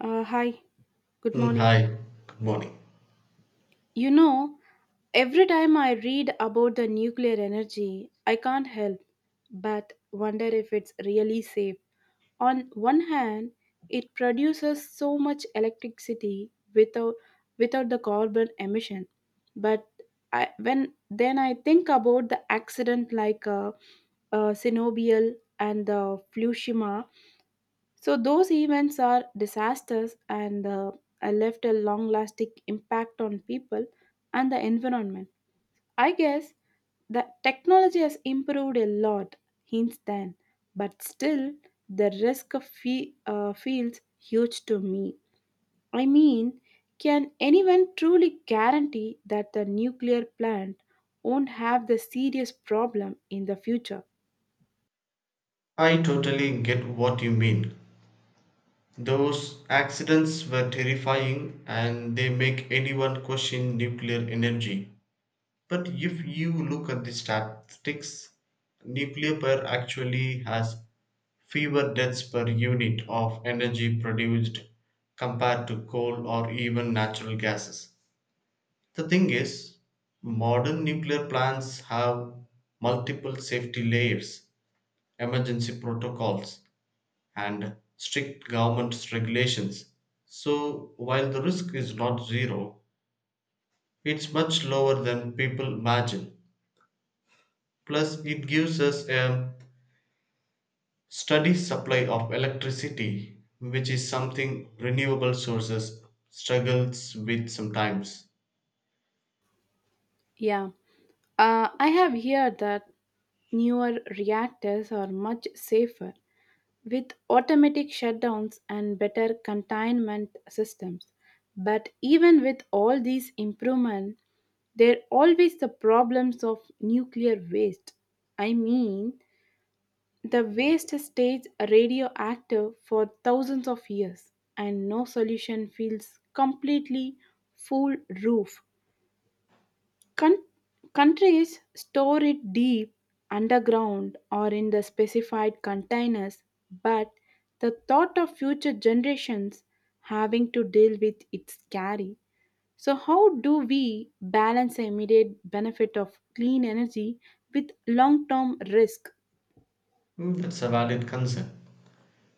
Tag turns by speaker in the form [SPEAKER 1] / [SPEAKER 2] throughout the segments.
[SPEAKER 1] Hi, good morning.
[SPEAKER 2] Hi, good morning.
[SPEAKER 1] You know, every time I read about the nuclear energy, I can't help but wonder if it's really safe. On one hand, it produces so much electricity without the carbon emission, but I, when then I think about the accident like Chernobyl and the Fukushima. So those events are disasters and left a long lasting impact on people and the environment. I guess the technology has improved a lot since then, but still the risk feels huge to me. I mean, can anyone truly guarantee that the nuclear plant won't have the serious problem in the future?
[SPEAKER 2] I totally get what you mean. Those accidents were terrifying and they make anyone question nuclear energy. But if you look at the statistics, nuclear power actually has fewer deaths per unit of energy produced compared to coal or even natural gases. The thing is, modern nuclear plants have multiple safety layers emergency protocols, and strict government regulations. So, while the risk is not zero, it's much lower than people imagine. Plus, it gives us a steady supply of electricity, which is something renewable sources struggles with sometimes.
[SPEAKER 1] Yeah, I have heard that newer reactors are much safer with automatic shutdowns and better containment systems. But even with all these improvements, there are always the problems of nuclear waste. I mean, the waste stays radioactive for thousands of years, and no solution feels completely foolproof. Con- Countries store it deep underground or in the specified containers, but the thought of future generations having to deal with it's scary. So, how do we balance the immediate benefit of clean energy with long term risk?
[SPEAKER 2] That's a valid concern.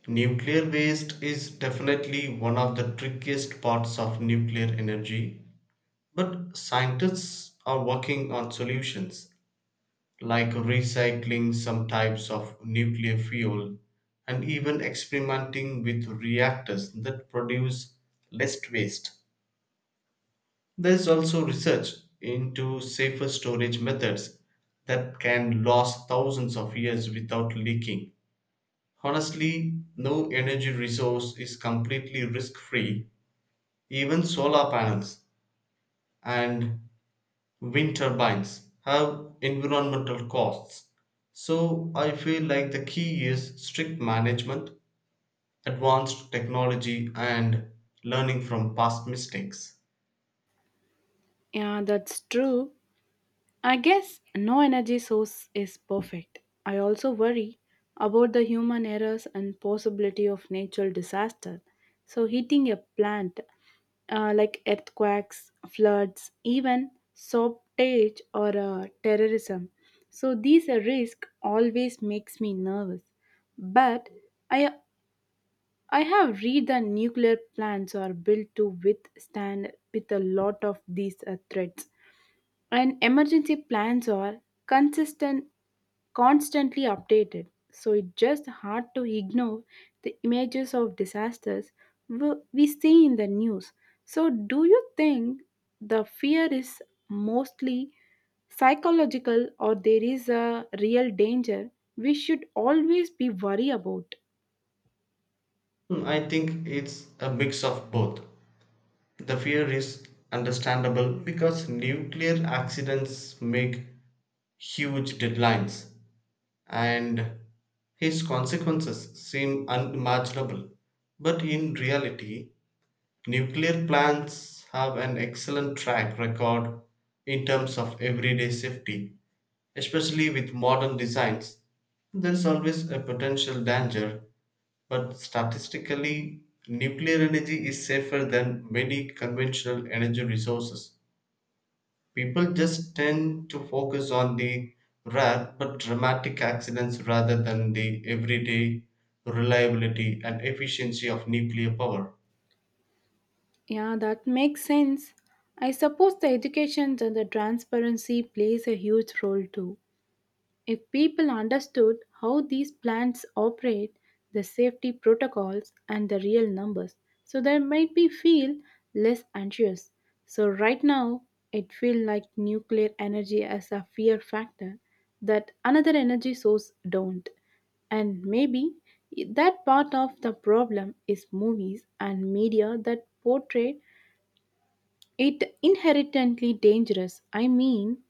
[SPEAKER 2] Nuclear waste is definitely one of the trickiest parts of nuclear energy. But scientists are working on solutions like recycling some types of nuclear fuel and even experimenting with reactors that produce less waste. There's also research into safer storage methods that can last thousands of years without leaking. Honestly, no energy resource is completely risk free, even solar panels. And wind turbines have environmental costs. So I feel like the key is strict management, advanced technology, and learning from past mistakes.
[SPEAKER 1] Yeah, that's true. I guess no energy source is perfect. I also worry about the human errors and possibility of natural disaster. So hitting a plant like earthquakes, floods, even shortage or terrorism. So these are risk always makes me nervous. But I I have read that nuclear plants are built to withstand with a lot of these threats and emergency plans are consistent constantly updated, so it's just hard to ignore the images of disasters we see in the news. So do you think the fear is mostly psychological, or there is a real danger we should always be worried about?
[SPEAKER 2] I think it's a mix of both. The fear is understandable because nuclear accidents make huge deadlines and his consequences seem unimaginable. But in reality, nuclear plants have an excellent track record in terms of everyday safety, especially with modern designs. There is always a potential danger, but statistically, nuclear energy is safer than many conventional energy resources. People just tend to focus on the rare but dramatic accidents rather than the everyday reliability and efficiency of nuclear power.
[SPEAKER 1] Yeah, that makes sense. I suppose the education and the transparency plays a huge role too. If people understood how these plants operate, the safety protocols, and the real numbers, so they might be feel less anxious. So right now, it feels like nuclear energy as a fear factor that another energy source don't. And maybe that part of the problem is movies and media that portray it inherently dangerous. I mean,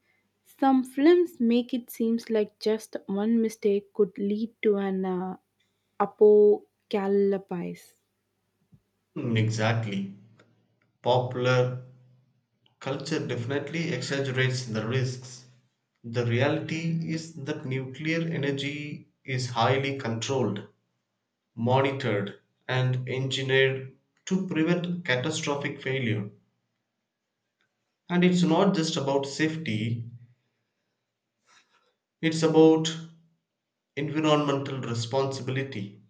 [SPEAKER 1] some films make it seems like just one mistake could lead to an apocalypse.
[SPEAKER 2] Exactly. Popular culture definitely exaggerates the risks. The reality is that nuclear energy is highly controlled, monitored, and engineered to prevent catastrophic failure. And it's not just about safety, it's about environmental responsibility.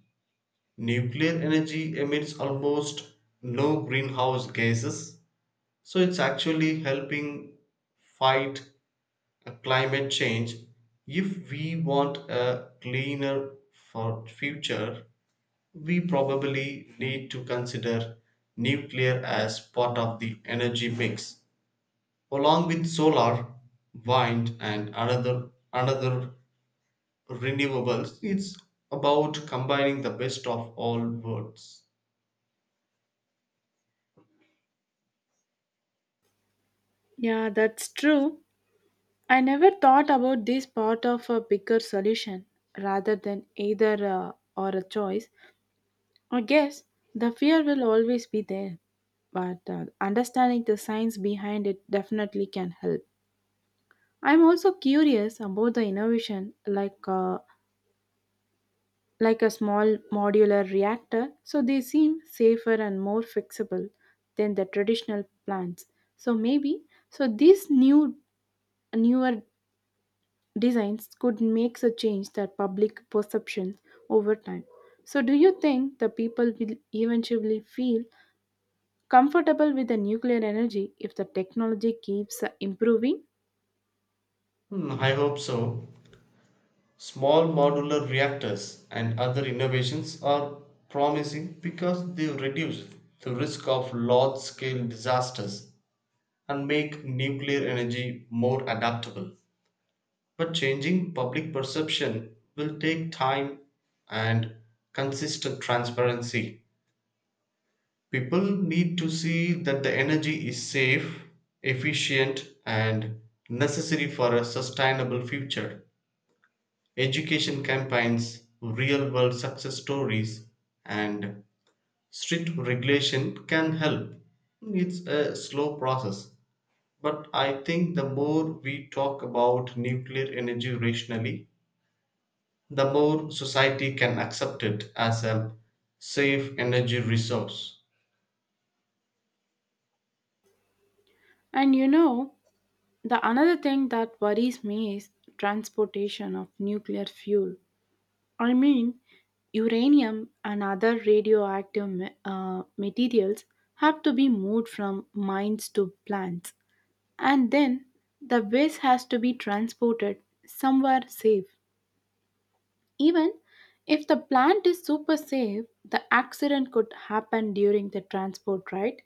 [SPEAKER 2] Nuclear energy emits almost no greenhouse gases, so it's actually helping fight climate change. If we want a cleaner for future, we probably need to consider nuclear as part of the energy mix along with solar, wind, and another renewables. It's about combining the best of all worlds.
[SPEAKER 1] Yeah, that's true. I never thought about this part of a bigger solution rather than either or a choice. I guess the fear will always be there, but understanding the science behind it definitely can help. I'm also curious about the innovation like a small modular reactor, so they seem safer and more fixable than the traditional plants. So maybe so these new newer designs could make a change that public perceptions over time. So do you think the people will eventually feel comfortable with the nuclear energy if the technology keeps improving?
[SPEAKER 2] I hope so. Small modular reactors and other innovations are promising because they reduce the risk of large scale disasters and make nuclear energy more adaptable. But changing public perception will take time and consistent transparency. People need to see that the energy is safe, efficient, and necessary for a sustainable future. Education campaigns, real world success stories, and strict regulation can help. It's a slow process, but I think the more we talk about nuclear energy rationally, the more society can accept it as a safe energy resource.
[SPEAKER 1] And you know, the another thing that worries me is transportation of nuclear fuel. I mean, uranium and other materials have to be moved from mines to plants, and then the waste has to be transported somewhere safe. Even if the plant is super safe, the accident could happen during the transport, right?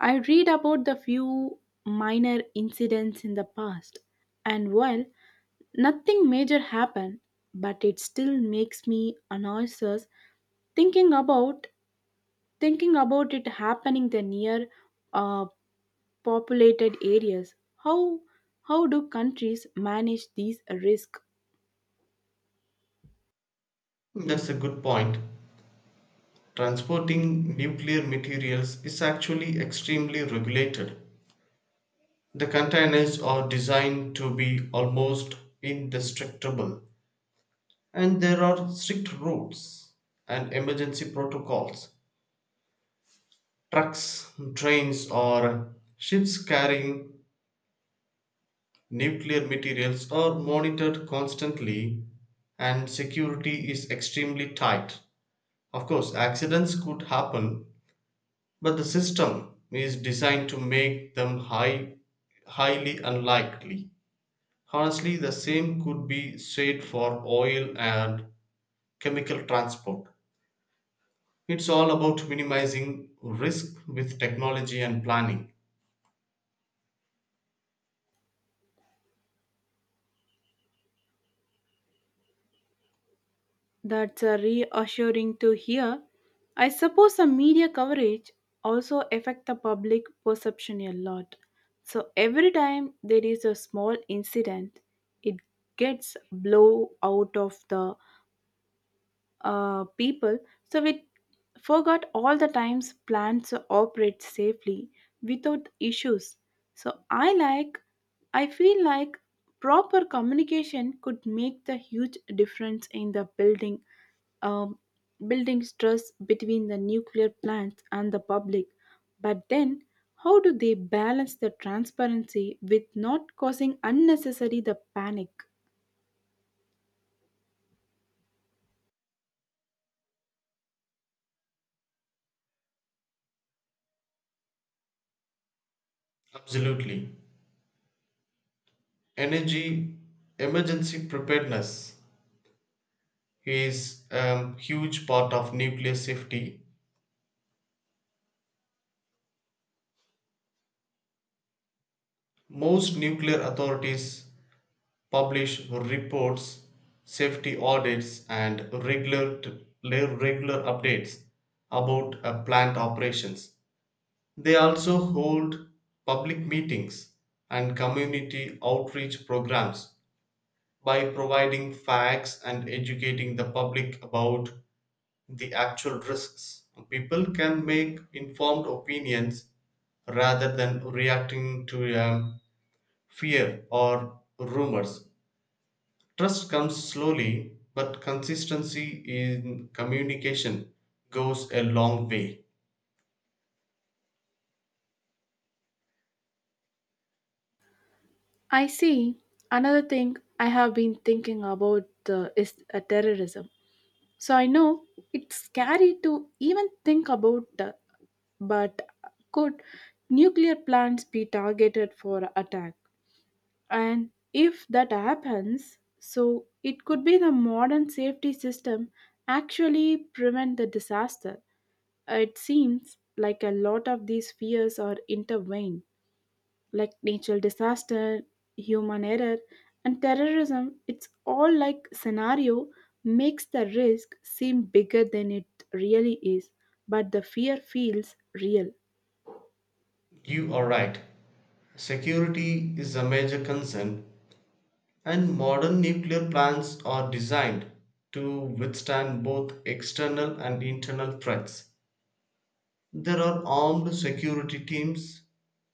[SPEAKER 1] I read about the few minor incidents in the past, and while nothing major happened, but it still makes me anxious thinking about thinking about it happening the near uh, populated areas. How do countries manage these risks?
[SPEAKER 2] That's a good point. Transporting nuclear materials is actually extremely regulated. The containers are designed to be almost indestructible, and there are strict rules and emergency protocols. Trucks, trains, or ships carrying nuclear materials are monitored constantly, and security is extremely tight. Of course, accidents could happen, but the system is designed to make them highly unlikely. Honestly, the same could be said for oil and chemical transport. It's all about minimizing risk with technology and planning.
[SPEAKER 1] That's reassuring to hear. I suppose some media coverage also affect the public perception a lot. So every time there is a small incident, it gets blow out of the people, so it forgot all the times plants operate safely without issues. So I feel like proper communication could make the huge difference in the building um, building stress between the nuclear plants and the public. But then how do they balance the transparency with not causing unnecessary the panic?
[SPEAKER 2] Absolutely. Energy emergency preparedness is a huge part of nuclear safety. Most nuclear authorities publish reports, safety audits, and regular updates about plant operations. They also hold public meetings and community outreach programs by providing facts and educating the public about the actual risks. People can make informed opinions rather than reacting to fear or rumors. Trust comes slowly, but consistency in communication goes a long way.
[SPEAKER 1] I see. Another thing I have been thinking about is terrorism. So I know it's scary to even think about, but could nuclear plants be targeted for attack? And if that happens, so it could be the modern safety system actually prevent the disaster. It seems like a lot of these fears are intertwined like natural disaster, human error, and terrorism, it's all like scenario makes the risk seem bigger than it really is, but the fear feels real.
[SPEAKER 2] You are right. Security is a major concern. And modern nuclear plants are designed to withstand both external and internal threats. There are armed security teams,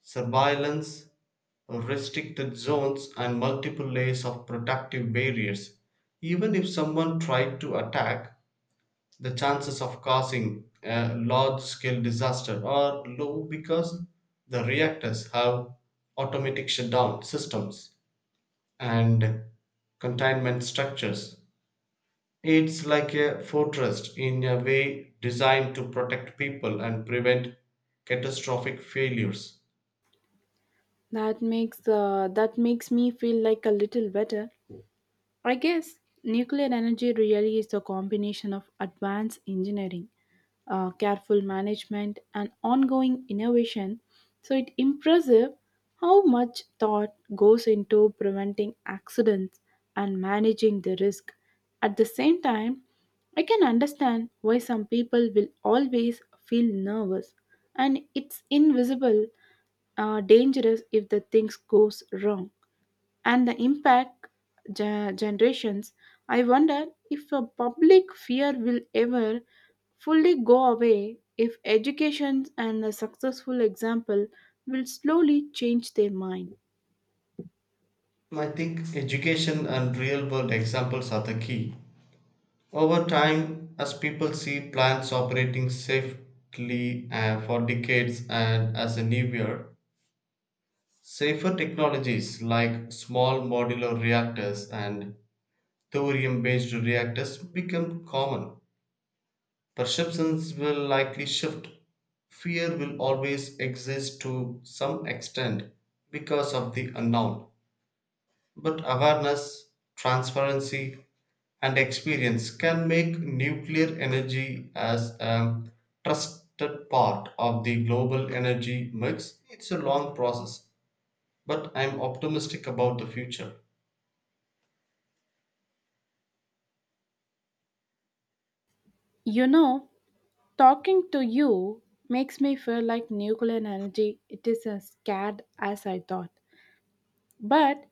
[SPEAKER 2] surveillance, restricted zones, and multiple layers of protective barriers. Even if someone tried to attack, the chances of causing a large scale disaster are low because the reactors have automatic shutdown systems and containment structures. It's like a fortress in a way designed to protect people and prevent catastrophic failures.
[SPEAKER 1] That makes me feel like a little better. I guess nuclear energy really is a combination of advanced engineering, careful management, and ongoing innovation. So it's impressive how much thought goes into preventing accidents and managing the risk. At the same time, I can understand why some people will always feel nervous, and it's invisible, dangerous if the things goes wrong and the impact generations. I wonder if a public fear will ever fully go away, if education and a successful example will slowly change their mind.
[SPEAKER 2] I think education and real world examples are the key. Over time, as people see plants operating safely for decades and as a new year, safer technologies like small modular reactors and thorium based reactors become common. Perceptions will likely shift. Fear will always exist to some extent because of the unknown. But awareness, transparency, and experience can make nuclear energy as a trusted part of the global energy mix. It's a long process, but I'm optimistic about the future.
[SPEAKER 1] You know, talking to you makes me feel like nuclear energy it is as scared as I thought. But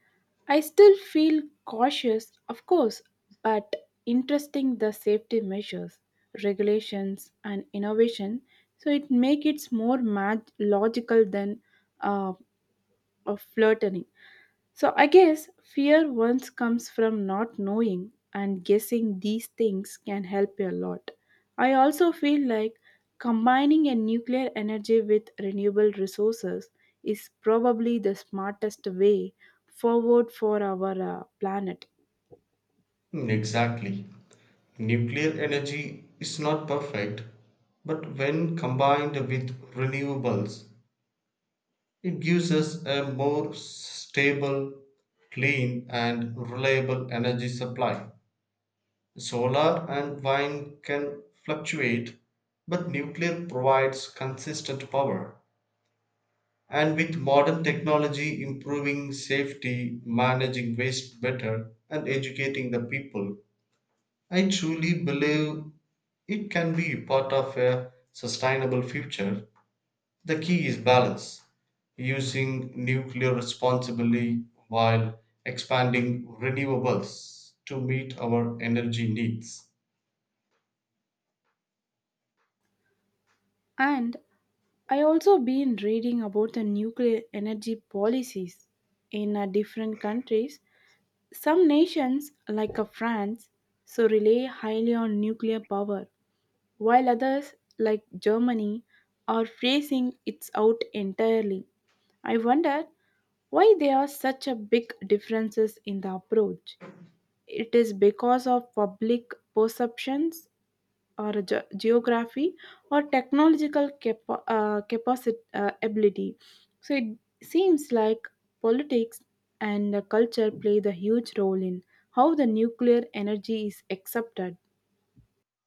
[SPEAKER 1] I still feel cautious, of course, but interesting the safety measures, regulations, and innovation. So it makes it more logical than uh, of flirting. So I guess fear once comes from not knowing, and guessing these things can help you a lot. I also feel like combining a nuclear energy with renewable resources is probably the smartest way forward for our planet.
[SPEAKER 2] Exactly. Nuclear energy is not perfect, but when combined with renewables, it gives us a more stable, clean, and reliable energy supply. Solar and wind can fluctuate, but nuclear provides consistent power. And with modern technology improving safety, managing waste better, and educating the people, I truly believe it can be part of a sustainable future. The key is balance, using nuclear responsibly while expanding renewables to meet our energy needs.
[SPEAKER 1] And I also been reading about the nuclear energy policies in different countries. Some nations like France so rely highly on nuclear power, while others, like Germany, are phasing it out entirely. I wonder why there are such a big differences in the approach. It is because of public perceptions or geography or capacity ability. So it seems like politics and the culture play the huge role in how the nuclear energy is accepted.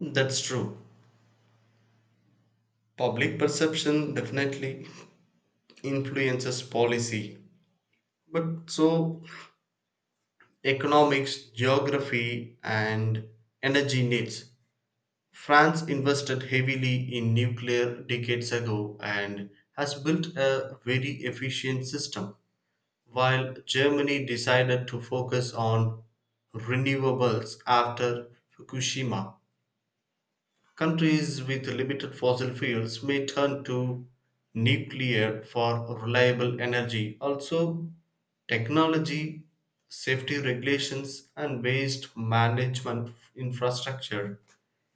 [SPEAKER 2] That's true. Public perception definitely influences policy, but so economics, geography, and energy needs. France invested heavily in nuclear decades ago and has built a very efficient system, while Germany decided to focus on renewables after Fukushima. Countries with limited fossil fuels may turn to nuclear for reliable energy. Also, technology, safety regulations, and waste management infrastructure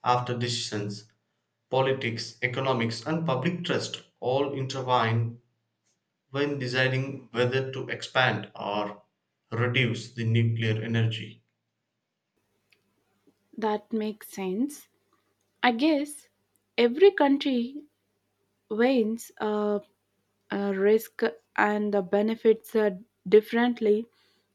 [SPEAKER 2] after decisions, politics, economics, and public trust all intertwine when deciding whether to expand or reduce the nuclear energy.
[SPEAKER 1] That makes sense. I guess every country weighs risk and the benefits differently.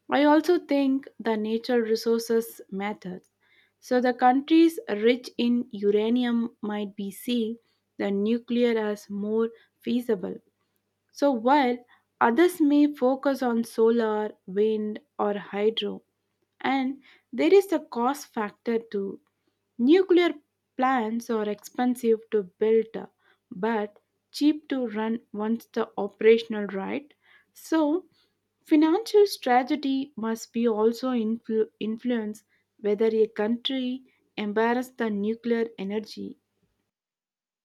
[SPEAKER 1] I also think the natural resources matters. So the countries rich in uranium might be see the nuclear as more feasible, so while others may focus on solar, wind, or hydro, and there is a cost factor too. Nuclear plants are expensive to build but cheap to run once the operational right. So financial strategy must be also influence whether a country embraces the nuclear energy.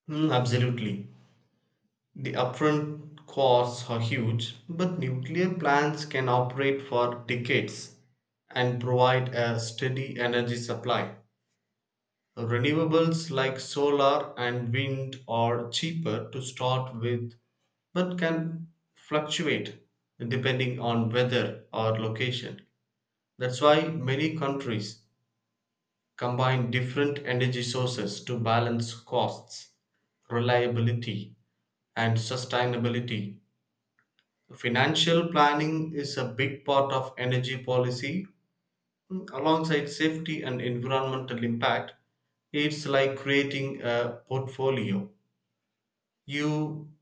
[SPEAKER 2] Absolutely. The upfront costs are huge, but nuclear plants can operate for decades and provide a steady energy supply. Renewables like solar and wind are cheaper to start with, but can fluctuate depending on weather or location. That's why many countries combine different energy sources to balance costs, reliability, and sustainability. Financial planning is a big part of energy policy, alongside safety and environmental impact. It's like creating a portfolio. You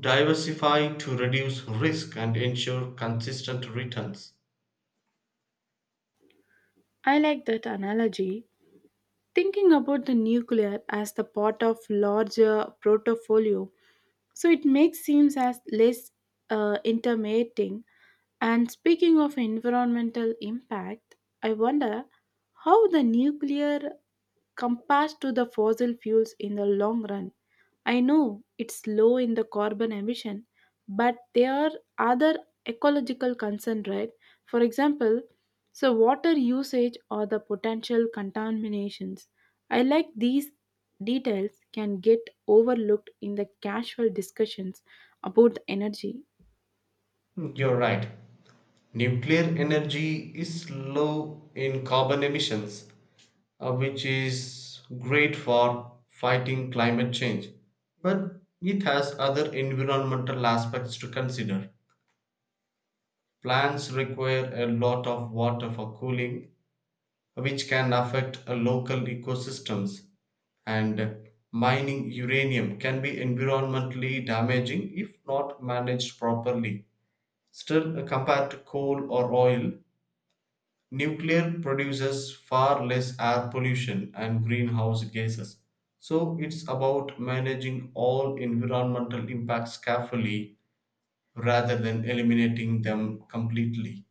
[SPEAKER 2] diversify to reduce risk and ensure consistent returns.
[SPEAKER 1] I like that analogy. Thinking about the nuclear as the part of larger portfolio, so it makes seems as less intimidating. And speaking of environmental impact, I wonder how the nuclear compares to the fossil fuels in the long run. I know it's low in the carbon emission, but there are other ecological concerns, right? For example, so water usage or the potential contaminations. I like these details can get overlooked in the casual discussions about the energy.
[SPEAKER 2] You're right. Nuclear energy is low in carbon emissions, which is great for fighting climate change. But it has other environmental aspects to consider. Plants require a lot of water for cooling, which can affect local ecosystems. And mining uranium can be environmentally damaging if not managed properly. Still, compared to coal or oil, nuclear produces far less air pollution and greenhouse gases. So it's about managing all environmental impacts carefully rather than eliminating them completely.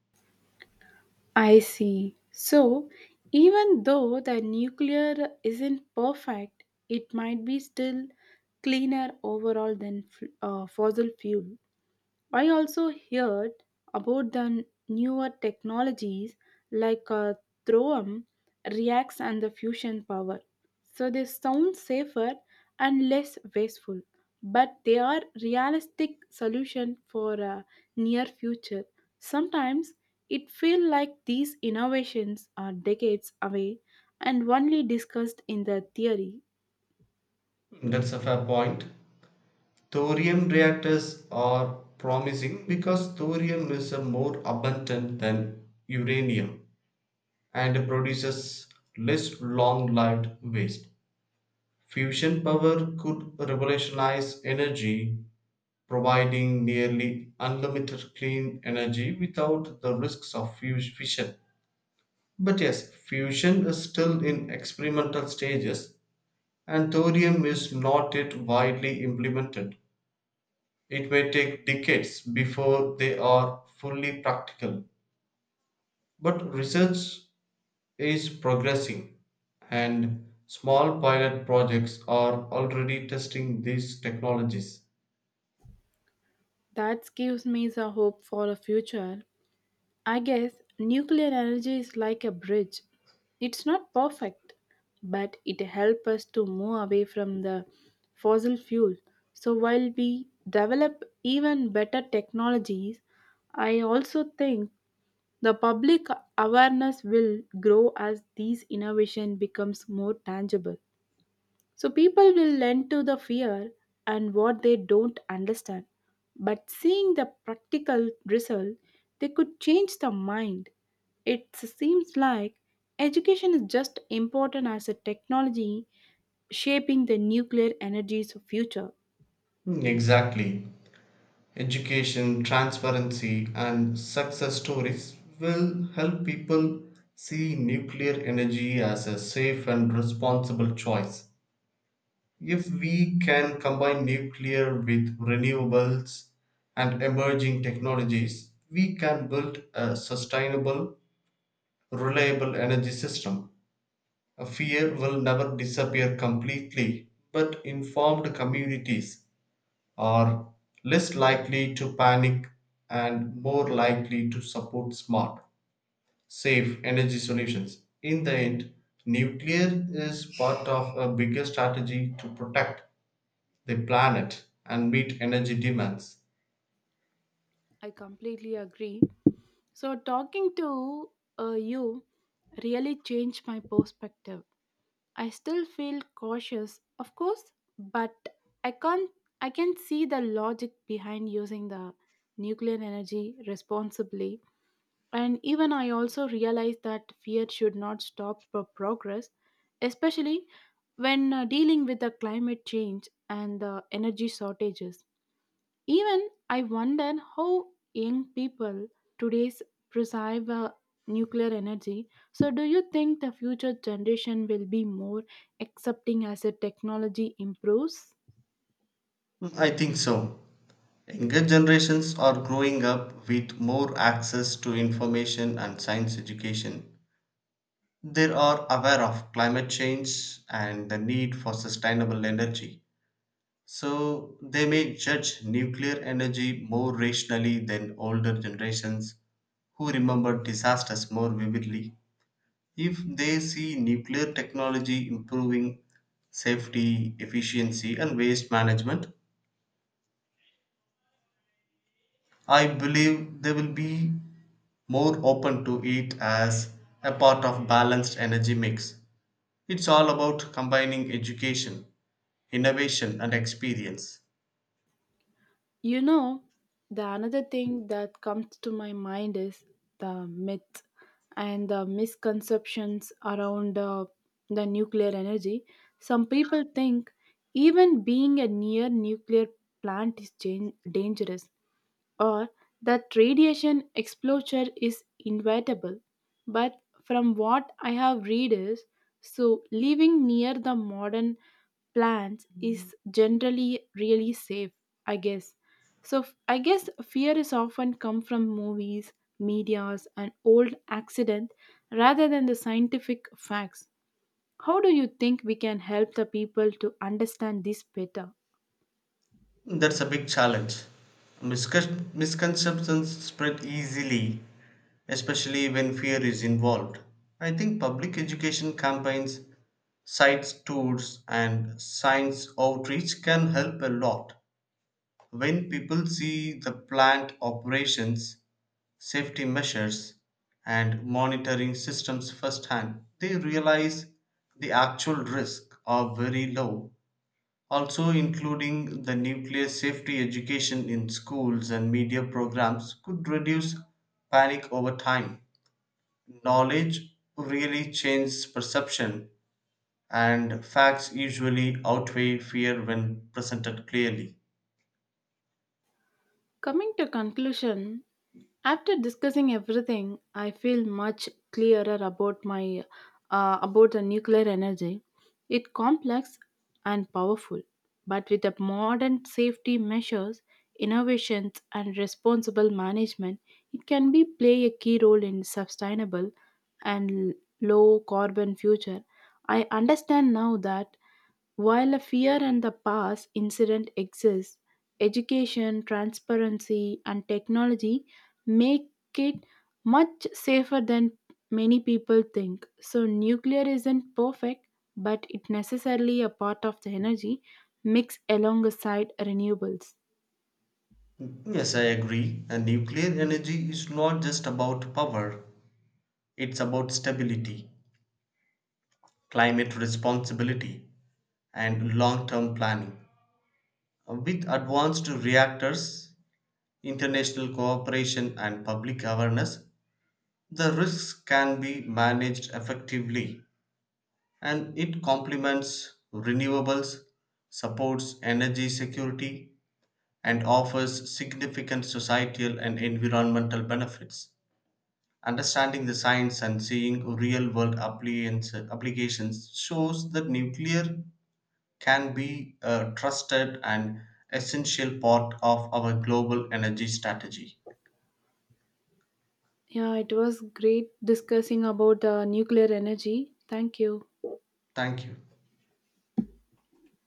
[SPEAKER 1] I see. So, even though the nuclear isn't perfect, it might be still cleaner overall than fossil fuel. I also heard about the newer technologies like Throam, Reacts, and the fusion power. So they sound safer and less wasteful, but they are realistic solution for near future. Sometimes it feels like these innovations are decades away and only discussed in the theory.
[SPEAKER 2] That's a fair point. Thorium reactors are promising because thorium is a more abundant than uranium and produces less long lived waste. Fusion power could revolutionize energy providing nearly unlimited clean energy without the risks of fission. But yes, fusion is still in experimental stages and thorium is not yet widely implemented. It may take decades before they are fully practical. But research is progressing and small pilot projects are already testing these technologies.
[SPEAKER 1] That gives me the hope for a future. I guess nuclear energy is like a bridge. It's not perfect, but it helps us to move away from the fossil fuel. So while we develop even better technologies, I also think the public awareness will grow as these innovation becomes more tangible. So people will lend to the fear and what they don't understand. But seeing the practical result, they could change the mind. It seems like education is just important as a technology shaping the nuclear energy's future.
[SPEAKER 2] Exactly. Education, transparency, and success stories will help people see nuclear energy as a safe and responsible choice. If we can combine nuclear with renewables and emerging technologies, we can build a sustainable, reliable energy system. A fear will never disappear completely, but informed communities are less likely to panic and more likely to support smart, safe energy solutions. In the end, nuclear is part of a bigger strategy to protect the planet and meet energy demands.
[SPEAKER 1] I completely agree. So talking to you really changed my perspective. I still feel cautious, of course, but I can't I can see the logic behind using the nuclear energy responsibly. And even I also realize that fear should not stop progress, especially when dealing with the climate change and the energy shortages. Even I wonder how young people today's perceive nuclear energy. So, do you think the future generation will be more accepting as the technology improves?
[SPEAKER 2] I think so. Younger generations are growing up with more access to information and science education. They are aware of climate change and the need for sustainable energy. So they may judge nuclear energy more rationally than older generations who remember disasters more vividly. If they see nuclear technology improving safety, efficiency, and waste management, I believe they will be more open to it as a part of balanced energy mix. It's all about combining education, innovation, and experience.
[SPEAKER 1] You know, the another thing that comes to my mind is the myth and the misconceptions around the nuclear energy. Some people think even being a near nuclear plant is dangerous, or that radiation exposure is inevitable. But from what I have read is so living near the modern plants is generally really safe. I guess so fear is often come from movies, medias, and old accident rather than the scientific facts. How do you think we can help the people to understand this better?
[SPEAKER 2] That's a big challenge. Misconceptions spread easily, especially when fear is involved. I think public education campaigns, sites tours, and science outreach can help a lot. When people see the plant operations, safety measures, and monitoring systems firsthand, they realize the actual risks are very low. Also, including the nuclear safety education in schools and media programs could reduce panic over time. Knowledge really changes perception, and facts usually outweigh fear when presented clearly.
[SPEAKER 1] Coming to conclusion, after discussing everything, I feel much clearer about my about the nuclear energy. It complex and powerful, but with the modern safety measures, innovations, and responsible management, it can be play a key role in sustainable and low carbon future. I understand now that while a fear and the past incident exists, education, transparency, and technology make it much safer than many people think. So, nuclear isn't perfect, but it necessarily a part of the energy mix alongside renewables.
[SPEAKER 2] Yes, I agree. And nuclear energy is not just about power, it's about stability, climate responsibility, and long term planning. With advanced reactors, international cooperation and public awareness, the risks can be managed effectively and it complements renewables, supports energy security, and offers significant societal and environmental benefits. Understanding the science and seeing real world applications shows that nuclear can be a trusted and essential part of our global energy strategy.
[SPEAKER 1] Yeah, it was great discussing about the nuclear energy. Thank you.
[SPEAKER 2] Thank you.